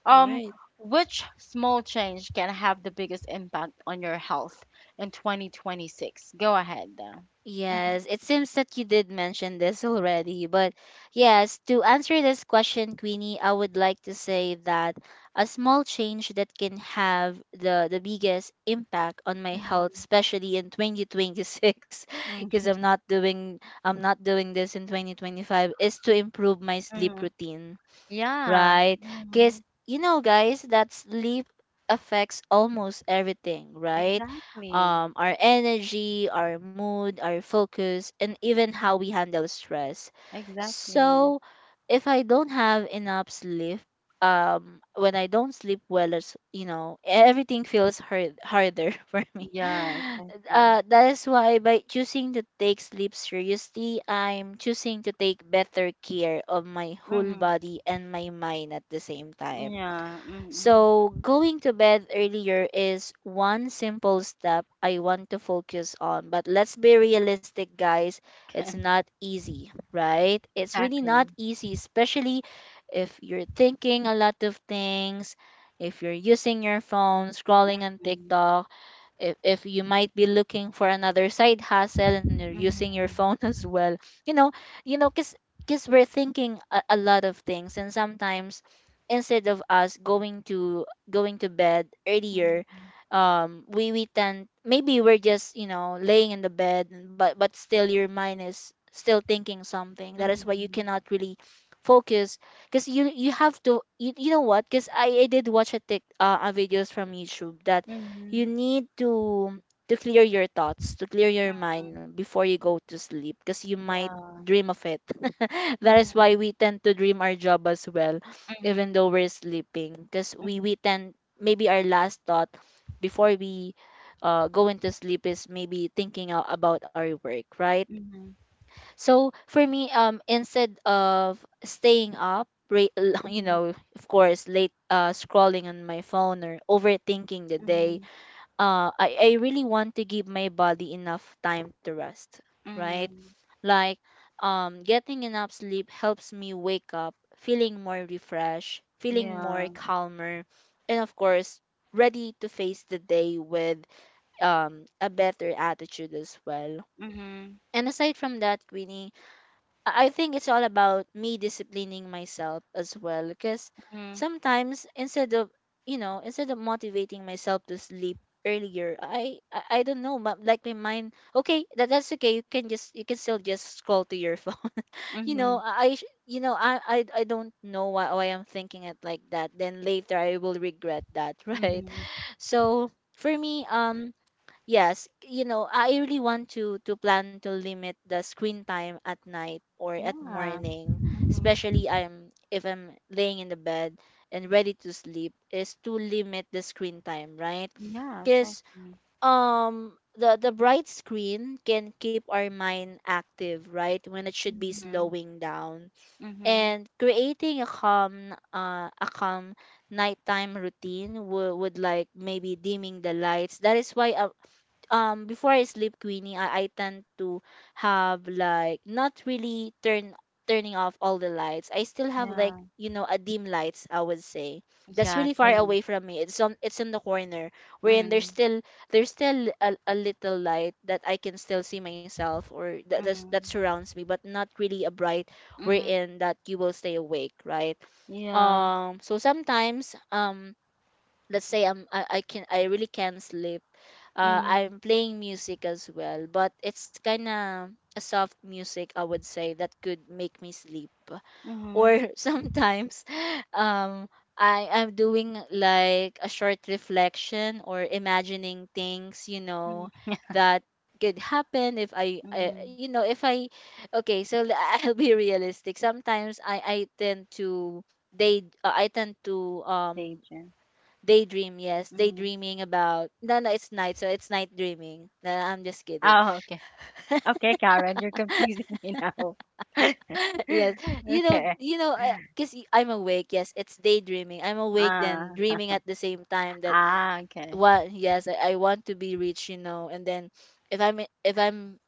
Um, Right. which small change can have the biggest impact on your health in 2026? Go ahead. Yes, Mhm, it seems that you did mention this already, but yes, to answer this question, Queenie, I would like to say that a small change that can have the biggest impact on my health, mhm, especially in 2026, because mhm, I'm not doing this in 2025, is to improve my sleep mhm. routine, Yeah. right? Because Mhm. you know, guys, that sleep affects almost everything, right? Exactly. Our energy, our mood, our focus, and even how Mhm. we handle stress. Exactly. So, if I don't have enough sleep, when I don't sleep well, as you know, everything feels harder for me. Yeah, exactly. That is why by choosing to take sleep seriously, I'm choosing to take better care of my whole Hmm. body and my mind at the same time. Yeah. Hmm. So, going to bed earlier is one simple step I want to focus on. But let's be realistic, guys. It's not easy, right? It's really not Exactly. easy, especially if you're thinking a lot of things, if you're using your phone, scrolling on Hmm. TikTok, if you might be looking for another side hustle and you're using your Hmm. phone as well, you know. Because we're thinking a lot of things, and sometimes instead of us going to bed earlier, we tend, maybe we're just, you know, laying in the bed, but still your mind is still thinking something. That is why you Hmm. cannot really focus. Because you have to you, you know what, because I did watch a tick a videos from YouTube that you Mhm. need to clear your thoughts, to clear your mind before you go to sleep, because you might Yeah. dream of it. That is why Mhm. we tend to dream our job as well, even Mhm. though we're sleeping, because Mhm. we tend, maybe our last thought before we go into sleep is maybe thinking about our work, right? Mhm. So for me, instead of staying up, you Mhm. know, of course, late, scrolling on my phone or overthinking the day, Mhm. I really want to give my body enough time to rest, right? Mhm. Like getting enough sleep helps me wake up feeling more refreshed, feeling more Yeah. calmer, and of course ready to face the day with a better attitude as well. Mhm. And aside from that, Queenie, I think it's all about me disciplining myself as well. Because Mhm. sometimes instead of, you know, instead of motivating myself to sleep earlier, I don't know, but like my mind okay, that's okay, you can just you can still just scroll to your phone. You know, Mhm. You know, I don't know why, I'm thinking it like that, then later I will regret that. Right? Mhm. So for me, yes, you know, I really want to plan to limit the screen time at night or at Yeah. morning, Mhm. especially I'm if I'm laying in the bed and ready to sleep, is to limit the screen time, right? Yeah, Because exactly. The bright screen can keep our mind active, right, when it should be Mhm. slowing down Mhm. and creating a calm nighttime routine would like maybe dimming the lights. That is why before I sleep, Queenie, I tend to have like not really turn turning off all the lights. I still have like Yeah. A dim lights I would say that's Yeah, really far same. away from me. It's on it's in the corner wherein Mhm. There's still a little light that I can still see myself or that Mhm. surrounds me, but not really a bright Mhm. wherein that you will stay awake, right? Yeah. So sometimes let's say I really can't sleep. Mhm. I'm playing music as well, but it's kind of a soft music I would say that could make me sleep. Mhm. Or sometimes, um, I'm doing like a short reflection or imagining things, Mhm. that could happen if I, Mhm. you know if I okay so l- I'll be realistic. Sometimes I tend to they I tend to Deja. daydream, yes. Mhm. Daydreaming about no, no, it's night, so it's night dreaming. No, I'm just kidding. Oh, okay. Okay, Karen, you're confusing me now. Yes, Okay. 'Cause I'm awake. Yes, it's daydreaming. I'm awake then Uh dreaming at the same time that Ah, okay. what? Yes, I want to be rich, you know. And then if I'm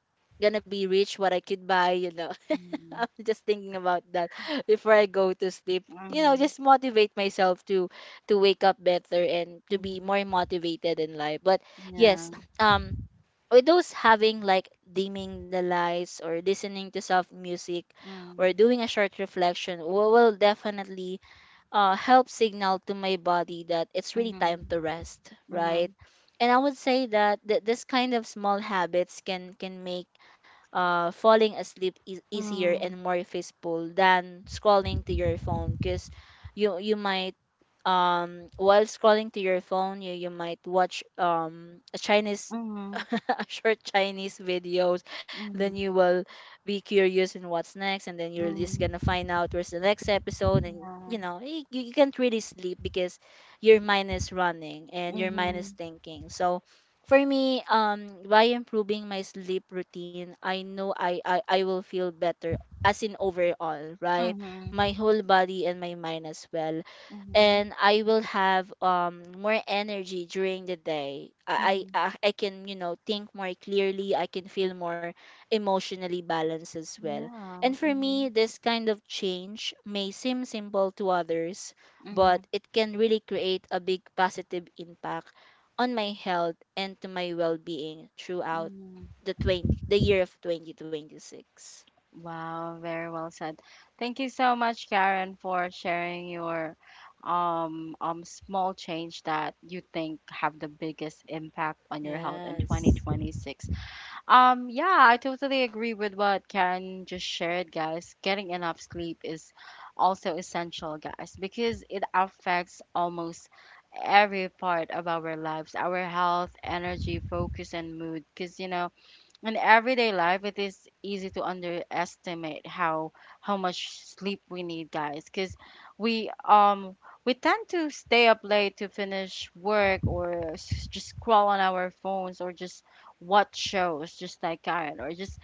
gonna be rich, what I could buy, you know. Mm, I'm just thinking about that before I go to sleep. You know, mhm, just motivate myself to wake up better and to be mhm, more motivated in life. But yes. yeah, um. With those having like dimming the lights or listening to soft music or mm, doing a short reflection will definitely help signal to my body that it's really time mhm, to rest, right? mhm, And I would say that this kind of small habits can make falling asleep is easier mm, and more peaceful than scrolling to your phone. Because you might while scrolling to your phone you might watch a chinese mhm, short Chinese videos, mm, then you will be curious in what's next, and then you're mm, just gonna find out where's the next episode, and yeah, you can't really sleep because your mind is running and your mind is mhm, thinking. So for me, by improving my sleep routine, I know I will feel better as in overall, right? mhm, My whole body and my mind as well, mhm, and I will have more energy during the day. I mhm, I I I can you know think more clearly. I can feel more emotionally balanced as well. yeah, And for me, mhm, this kind of change may seem simple to others, mhm, but it can really create a big positive impact on my health and to my well-being throughout mhm. the 20 the year of 2026. Wow, very well said. Thank you so much, Karen, for sharing your small change that you think have the biggest impact on your health in Yes. 2026. Yeah, I totally agree with what Karen just shared, guys. Getting enough sleep is also essential, guys, because it affects almost every part of our lives: our health, energy, focus, and mood. Because, you know, in everyday life, it is easy to underestimate how much sleep we need, guys, because we um we tend to stay up late to finish work, or just scroll on our phones, or just watch shows just like Karen, or just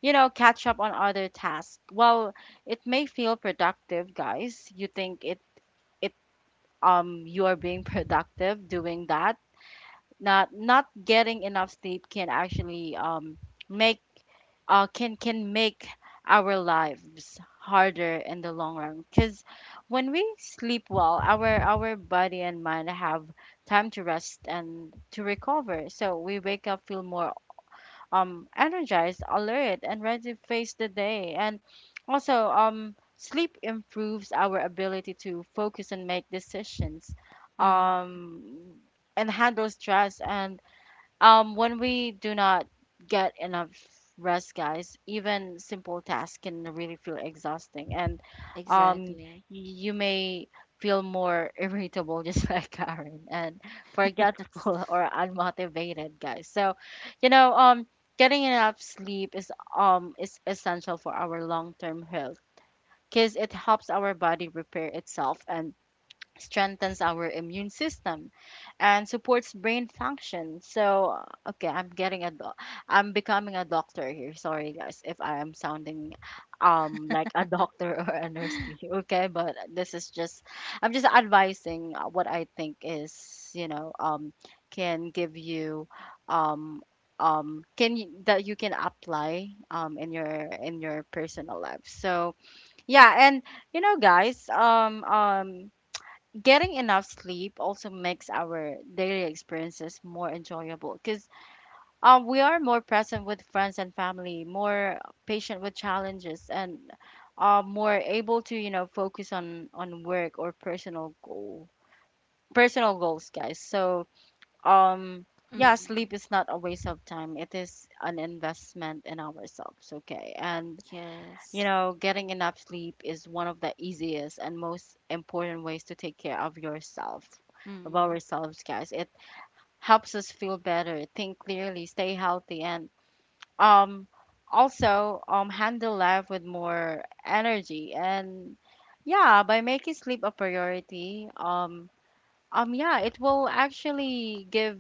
catch up on other tasks. Well, it may feel productive, guys. You think it it you are being productive doing that. Not getting enough sleep can actually make can make our lives harder in the long run, because when we sleep well, our body and mind have time to rest and to recover, so we wake up feel more energized, alert, and ready to face the day. And also, sleep improves our ability to focus and make decisions, Mhm. um and handle stress. And when we do not get enough rest, guys, even simple tasks can really feel exhausting, and um, Exactly. you may feel more irritable, just like Karen, and forgetful or unmotivated, guys. So, you know, um, getting enough sleep is essential for our long-term health, because it helps our body repair itself, and strengthens our immune system, and supports brain function. So, okay, I'm getting a doc. I'm becoming a doctor here. Sorry, guys, if I am sounding like a doctor or a nurse to you. Okay, but this is just I'm just advising what I think is, can give you, um that you can apply in your personal life. So yeah, and guys, getting enough sleep also makes our daily experiences more enjoyable, because we are more present with friends and family, more patient with challenges, and more able to focus on work or personal goals, guys. So, um yeah, sleep Mhm. is not a waste of time. It is an investment in ourselves. Okay, and you Yes. know, getting enough sleep is one of the easiest and most important ways to take care of yourself, of Mm-hmm. ourselves, guys. It helps us feel better, think clearly, stay healthy, and um, also handle life with more energy. And yeah, by making sleep a priority, yeah, it will actually give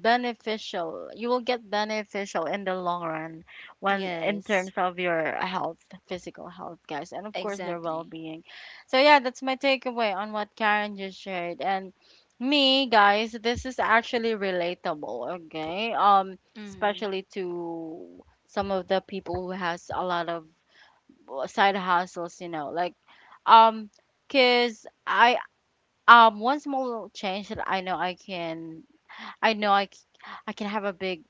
beneficial. You will get beneficial in the long run when in Yes. terms of your health, physical health, guys, and of course their Exactly. well-being. So yeah, that's my takeaway on what Karen just shared. And me, guys, this is actually relatable, okay? Mm-hmm. Especially to some of the people who has a lot of side hustles, you know, like um, cause I one small little change that I know I, c- I can have a big,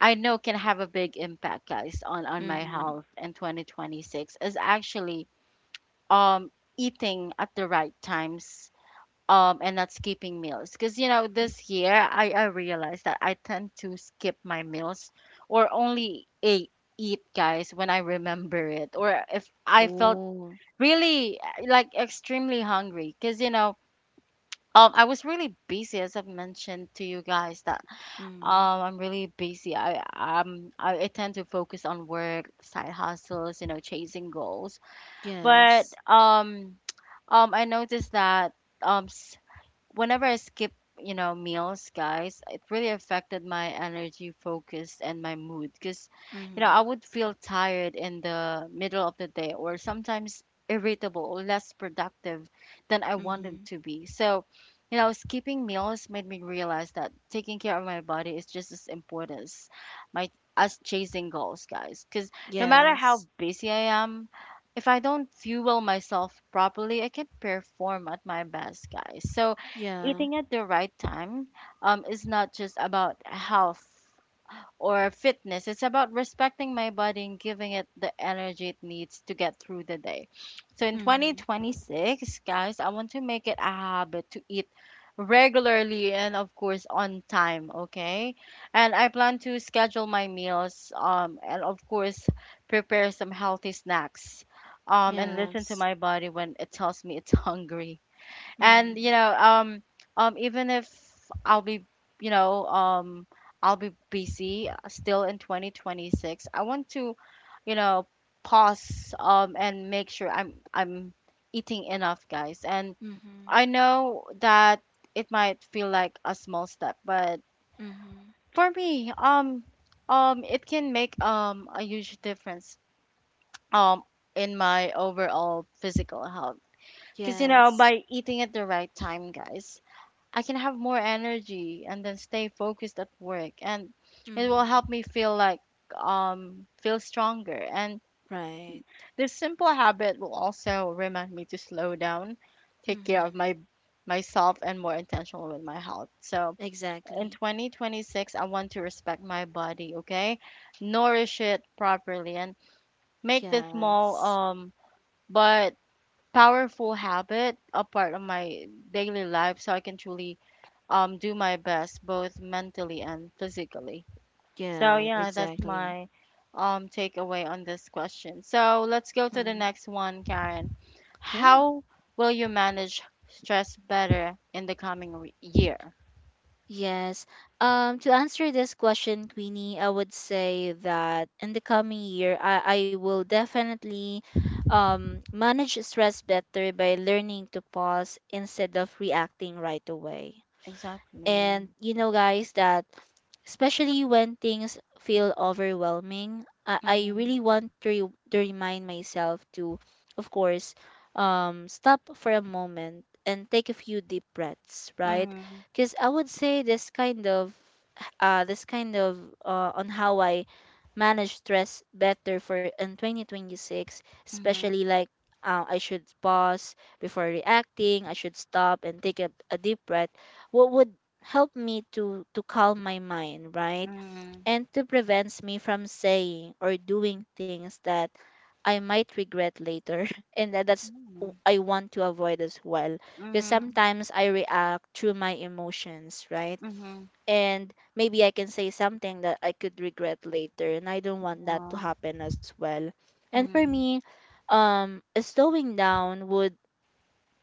I know can have a big impact, guys, on my Mm-hmm. health in 2026 is actually um eating at the right times and not skipping meals. Because this year I realized that I tend to skip my meals, or only eat, guys, when I remember it, or if I felt Oh. really, like, extremely hungry. Because I was really busy, as I've mentioned to you guys that Mm-hmm. I'm really busy. I tend to focus on work, side hustles, you know, chasing goals. But Yes. I noticed that, um, whenever I skip meals, guys, it really affected my energy, focus, and my mood. Because, I Mm-hmm. would feel tired in the middle of the day, or sometimes irritable or less productive than I wanted Mm-hmm. to be. So, skipping meals made me realize that taking care of my body is just as important as my as chasing goals, guys. Because no matter Yes. how busy I am, if I don't fuel myself properly, I can't perform at my best, guys. So, Yeah. eating at the right time, is not just about health or fitness. It's about respecting my body and giving it the energy it needs to get through the day. So, in Mm-hmm. 2026, guys, I want to make it a habit to eat regularly and, of course, on time, okay? And I plan to schedule my meals, and of course prepare some healthy snacks, and listen to Yes. my body when it tells me it's hungry. And you Mm-hmm. know, even if I'll be, you know um I'll be busy, still in 2026 I want to, you know pause, and make sure I'm eating enough, guys, and Mm-hmm. I know that it might feel like a small step, but Mm-hmm. for me, it can make, a huge difference um in my overall physical health. Because Yes. by eating at the right time, guys, I can have more energy and then stay focused at work, and it will Mm-hmm. help me feel like, feel stronger, and Right. this simple habit will also remind me to slow down, take care of Mm-hmm. my myself, and more intentional with my health. So in Exactly. 2026 I want to respect my body, okay? Nourish it properly and make this small, Yes. But powerful habit a part of my daily life, so I can truly do my best both mentally and physically. So Yeah. yeah, that's Exactly. my takeaway on this question. So let's go to the Mm-hmm. next one, Karen. Yeah. How will you manage stress better in the coming year? Yes. To answer this question, Queenie, I would say that in the coming year, I will definitely manage stress better by learning to pause instead of reacting right away. Exactly. And you know, guys, that especially when things feel I Mhm. really want to remind myself to of course stop for a moment and take a few deep breaths, right? Mhm. Because I would say this kind of uh, this kind of on how I manage stress better for in 2026, Mhm. especially like I should pause before reacting. I should stop and take a deep breath what would help me to calm my mind, right? Mhm. And to prevents me from saying or doing things that I might regret later. And that's w- I want to avoid as well because sometimes I react through my emotions, right? Mhm. And maybe I can say something that I could regret later, and I don't want that to happen as well. And for Mhm. me, slowing down would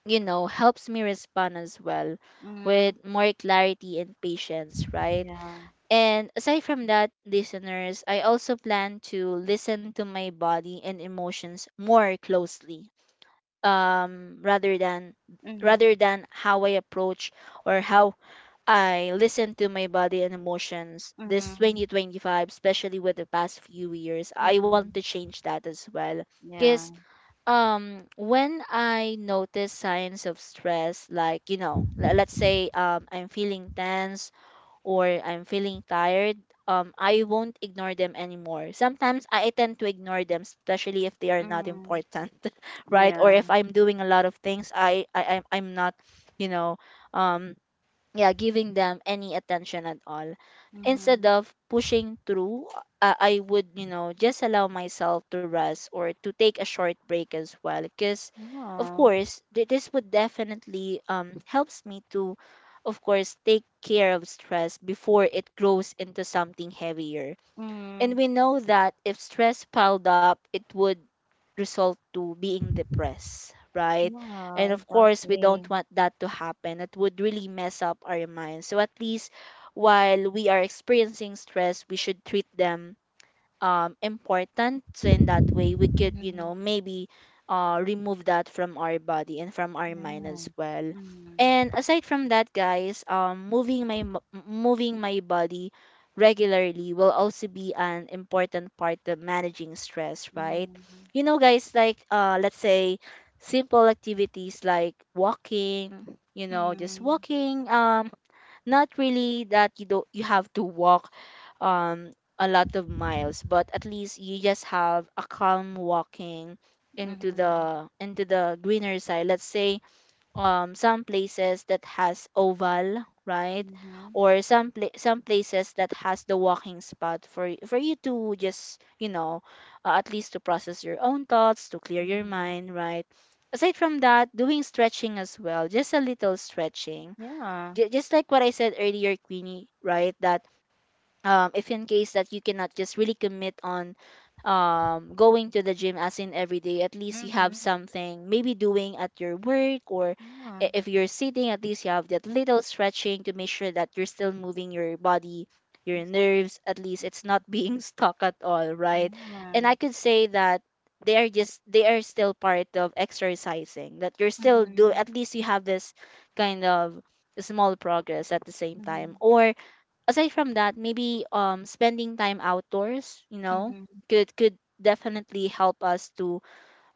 you know, helps me respond as well Mhm. with more clarity and patience, right? Yeah. And aside from that, listeners, I also plan to listen to my body and emotions more closely, um, rather than Mhm. rather than how I approach or how I listen to my body and emotions Mhm. Yeah. this Mhm. Mhm. 2025, especially with the past few years. I want to Mhm. change that as well. Yeah. Because when I notice signs of stress like you know let's say I'm feeling tense or I'm feeling tired, I won't ignore them anymore. Sometimes I tend to ignore them, especially if they are not Mhm. important right, or if Yeah. I'm doing a lot of things I'm not you know um yeah giving them any attention at all. Instead Mhm. of pushing through, I would you know just allow myself to rest or to take a short break as well, because of Yeah. course this would definitely helps me to of course take care of stress before it grows into something heavier. And Mm. we know that if stress piled up, it would result to being depressed, right? And Yeah, of course, we don't exactly. want that to happen. It would really mess up our minds. So at least while we are experiencing stress, we should treat them important, so in that way we could you Mm-hmm. know maybe remove that from our body and from our mind Yeah. as well. Mm-hmm. And aside from that, guys, moving my body regularly will also be an important part of managing stress, right? Mm-hmm. You know, guys, like let's say simple activities like walking, you know, just walking, not really that you don't you have to walk um a lot of miles, but at least you just have a calm walking Mm-hmm. Mm-hmm. Into the greener side. Let's say some places that has oval, right? Mm-hmm. Or some pla- some places that has the walking spot for for you to just you know at least to process your own thoughts, to clear your Mm-hmm. mind, right? Aside from that, doing stretching as well, just a little stretching, Yeah. Just like what I said earlier, Queenie, right? That if in case that you cannot just really commit on going to the gym as in every day, at least you have Mm-hmm. something maybe doing at your work, or Yeah. If you're sitting, at least you have that little stretching to make sure that you're still moving your body, your Exactly. nerves, at least it's not being stuck at all, right? And Yeah. I could say that they are still part of exercising that you're still do, Mm-hmm. at least you have this kind of small progress at the same Mm-hmm. time. Or aside from that, maybe spending time outdoors, you know, Mm-hmm. Could definitely help us to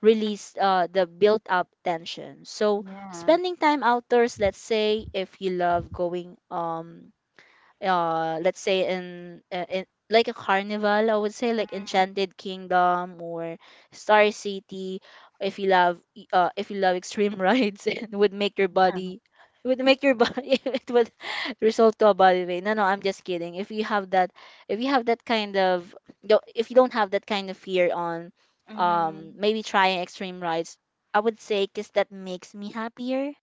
release the built up tension. So Yeah. spending time outdoors, let's say if you love going let's say in like a carnival, I would say, like Mm-hmm. Enchanted Kingdom or Star City, if you love if you love extreme rides it would make your body it would result to a body weight. No no, I'm just kidding. If you have that if you have that kind of if you don't have that kind of fear on Mm-hmm. maybe trying extreme rides, I would say, because that makes me happier.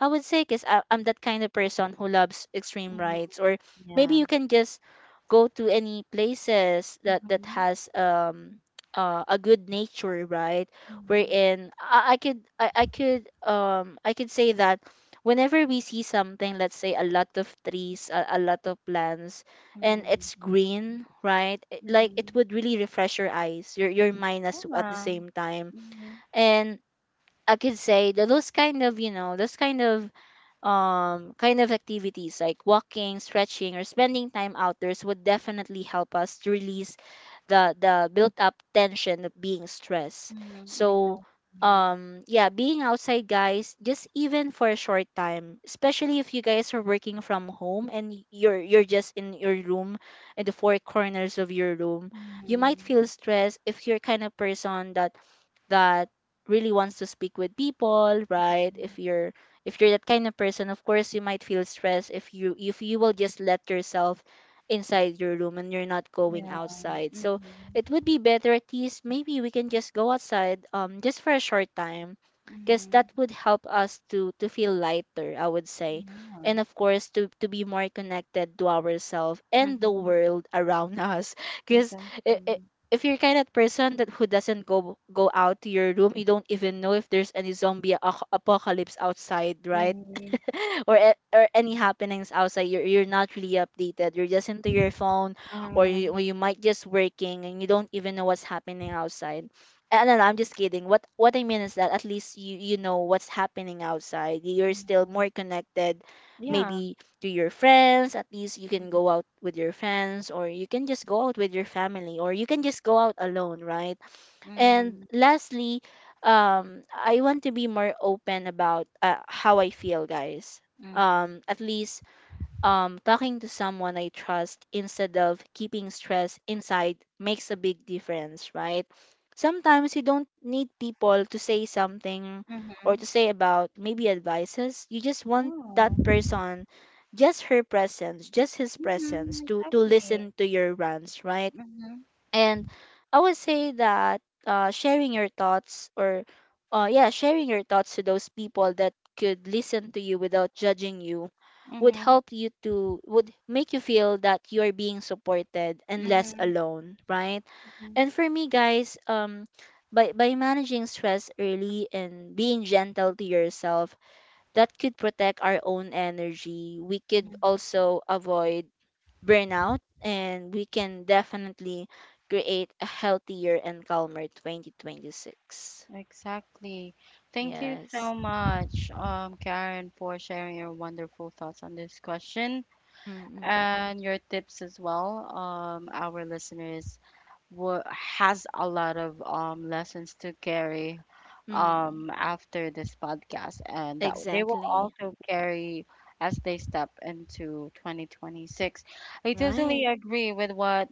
I would say, because I'm that kind of person who loves extreme Mm-hmm. rides. Or maybe Yeah. you can just go to any places Mm-hmm. that that Mm-hmm. has a good nature, right? Mm-hmm. Wherein I I could say that whenever we see something, let's say a lot of trees, a lot of plants, and it's green, right? Like Mm-hmm. it would really refresh your eyes, your mind as at the Yeah. same time. Mm-hmm. And I could say that those kind of activities like walking, stretching, or spending time outdoors would definitely help us to release the built up tension of being stressed. Mm-hmm. So Exactly. Yeah, being outside, guys, just even for a short time, especially if you guys are working from home and you're just in your room, in the four corners of your room, you might Mm-hmm. feel stressed if you're kind of person that that really wants to speak with people, right? If you're that kind of person, of course you might feel stressed if you will just let yourself inside your room and you're not going Yeah. outside. So Mm-hmm. it would be better, at least maybe we can just go outside just for a short time, because Mhm. that would help us to feel lighter, I would say, Yeah. and of course to be more connected to ourselves and the Mhm. world around us. Because Exactly. if you're kind of person that who doesn't go out to your room, you don't even know if there's any zombie apocalypse outside, right? Mhm. Or or any happenings outside. You're not really updated. You're just into your phone, or Mhm. or you might just working and you don't even know what's happening outside. And no, no, I'm just kidding. What I mean is that at least you you know what's happening outside, you're still Mhm. more connected Yeah. maybe to your friends. At least you can go out with your friends, or you can just go out with your family, or you can just go out alone, right? And Mhm. lastly, I want to be more open about how I feel, guys. Mhm. At least talking to someone I trust instead of keeping stress inside makes a big difference, right? Sometimes you don't need people to say something or to Mhm. say about maybe advices. You just want Yeah. that person, just her presence, just his Mhm. presence to Exactly. listen to your rants, right? Mhm. And I would say that sharing your thoughts or yeah sharing your thoughts to those people that could listen to you without judging you would Mhm. help you to would make you feel that you are being supported and less Mhm. alone, right? Mhm. And for me, guys, by managing stress early and being gentle to yourself, that could protect our own energy. We could Mhm. also avoid burnout, and we can definitely create a healthier and calmer 2026. Exactly. Thank you Yes. so much, Karen, for sharing your wonderful thoughts on this question Mm-mm. and your tips as well, our listeners. Wa Has a lot of lessons to carry Mm. After this podcast, and that they will Exactly. also carry as they step into 2026. I Right. totally agree with what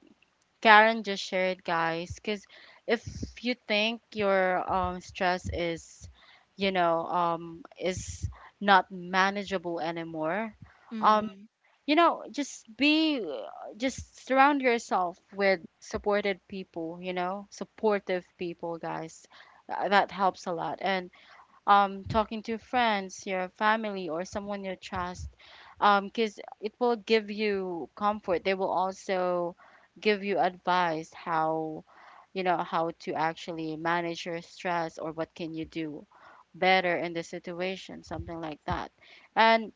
Karen just shared, guys, because if you think your stress is, you know, um, is not manageable anymore. Um, Mm. Just be just surround yourself with supported people you know supportive people, guys. That helps a lot. And talking to friends, your family, or someone you trust, because it will give you comfort. They will also give you advice how, how to actually manage your stress, or what can you do better in the situation, something like that. And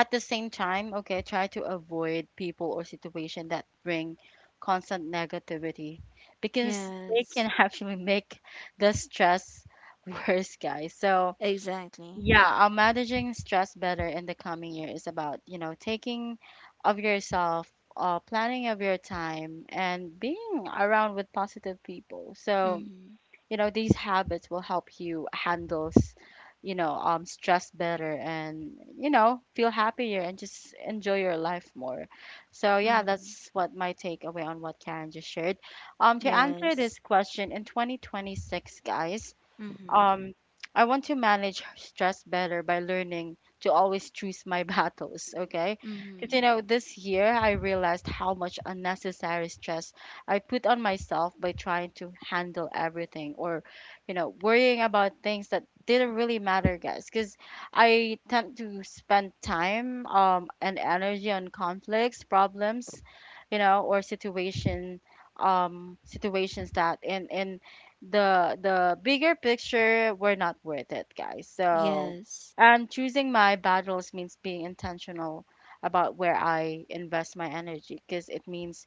at the same time, okay, try to avoid people or situation that bring constant negativity, because they Yes. can actually make the stress worse, guys. So, Exactly. yeah, managing stress better in the coming year is about, taking of yourself, planning of your time, and being around with positive people. So, Mm-hmm. These habits will help you handle stress better, and feel happier, and just enjoy your life more. So yeah, Mm-hmm. that's what my takeaway on what Karen just shared. To answer Yes. this question in 2026, guys, Mm-hmm. um, I want to manage stress better by learning to always choose my battles, okay? Because, Mm-hmm. This year I realized how much unnecessary stress I put on myself by trying to handle everything, or, worrying about things that didn't really matter, guys. Because I tend to spend time, and energy on conflicts, problems, or situations that, in the bigger picture, were not worth it, guys. Yeah. So, and choosing my battles means being intentional about where I invest my energy, because it means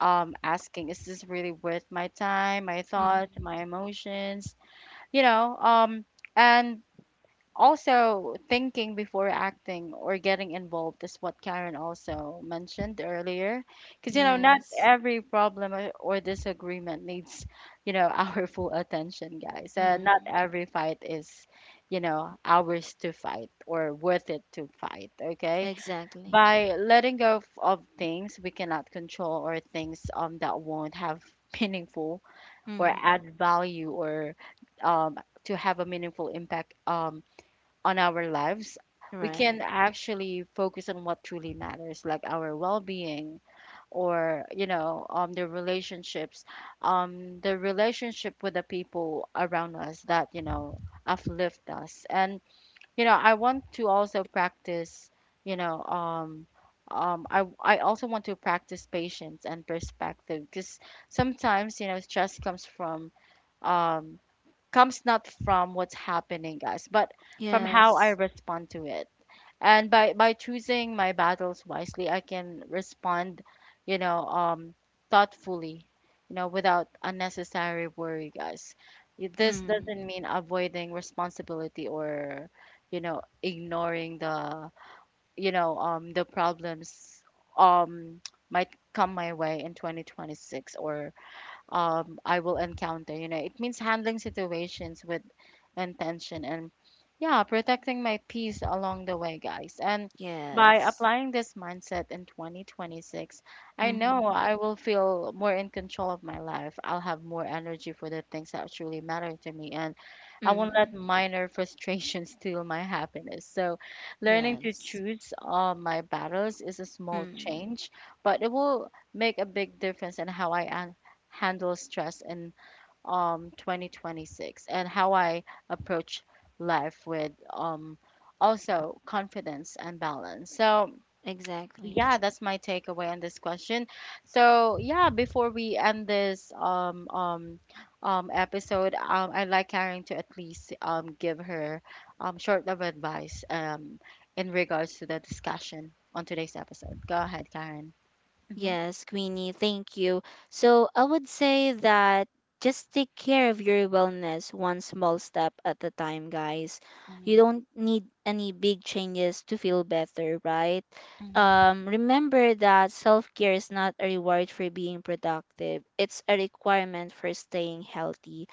asking, is this really worth my time, my thought, Mm-hmm. my emotions? You know, um, and also, thinking before acting or getting involved is what Karen also mentioned earlier. Because, not Yes. every problem or disagreement needs, our full attention, guys. Not Mm. every fight is, ours to fight or worth it to fight, okay? Exactly. By letting go of things we cannot control, or things, that won't have meaningful or Mm. add value, or, um, to have a meaningful impact, on our lives, we can Right. actually focus on what truly matters, like our well-being, or you know, the relationship with the people around us that, uplift us. And you know, I want to also practice, you know, I also want to practice patience and perspective, because sometimes you know stress um comes not from what's happening, guys, but from how Yes. I respond to it. And by choosing my battles wisely, I can respond, you know, um, thoughtfully, without unnecessary worry, guys. This Mm. doesn't mean avoiding responsibility, or, ignoring the problems um might come my way in 2026, or, I will encounter. It means handling situations with intention and, yeah, protecting my peace along the way, guys. And by Yes. applying this mindset in 2026, I know Mm-hmm. I will feel more in control of my life. I'll have more energy for the things that truly matter to me, and I won't Mm. let minor frustrations steal my happiness. So, learning to Yes. choose, my battles is a small Mm, change, but it will make a big difference in how I handle stress in, 2026, and how I approach life with, also confidence and balance. So, exactly. yeah, that's my takeaway on this question. So, yeah, before we end this, episode, I'd like Karen to at least give her short of advice in regards to the discussion on today's episode. Go ahead, Karen. Mhm. Yes, Queenie, thank you. So I would say that just take care of your wellness one small step at a time, guys. Mm-hmm. You don't need any big changes to feel better, right? Mm-hmm. Remember that self care is not a reward for being productive, it's a requirement for staying healthy.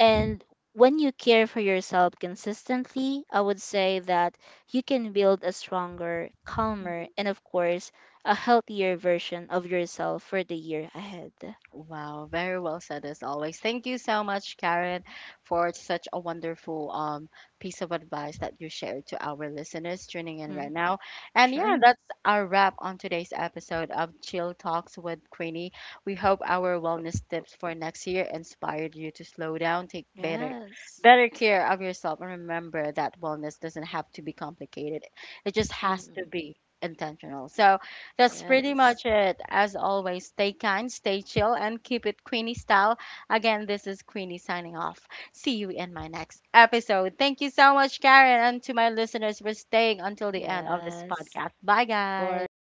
And when you care for yourself consistently, I would say that you can build a stronger, calmer, and of course, a healthier version of yourself for the year ahead. Wow, very well said as always. Thank you so much, Karen, for such a wonderful piece of advice that you shared to our listeners tuning in right Mm, now. And yeah, sure. that's our wrap on today's episode of Chill Talks with Queenie. We hope our wellness tips for next year inspired you to slow down, take better Yes. better care of yourself, and remember that wellness doesn't have to be complicated. It just has to Mm, be intentional. So that's pretty yes. much it. As always, stay kind, stay chill, and keep it Queenie style. Again, this is Queenie signing off. See you in my next episode. Thank you so much, Karen, and to my listeners for staying until the end of this Yes. podcast. Bye, Of guys. course.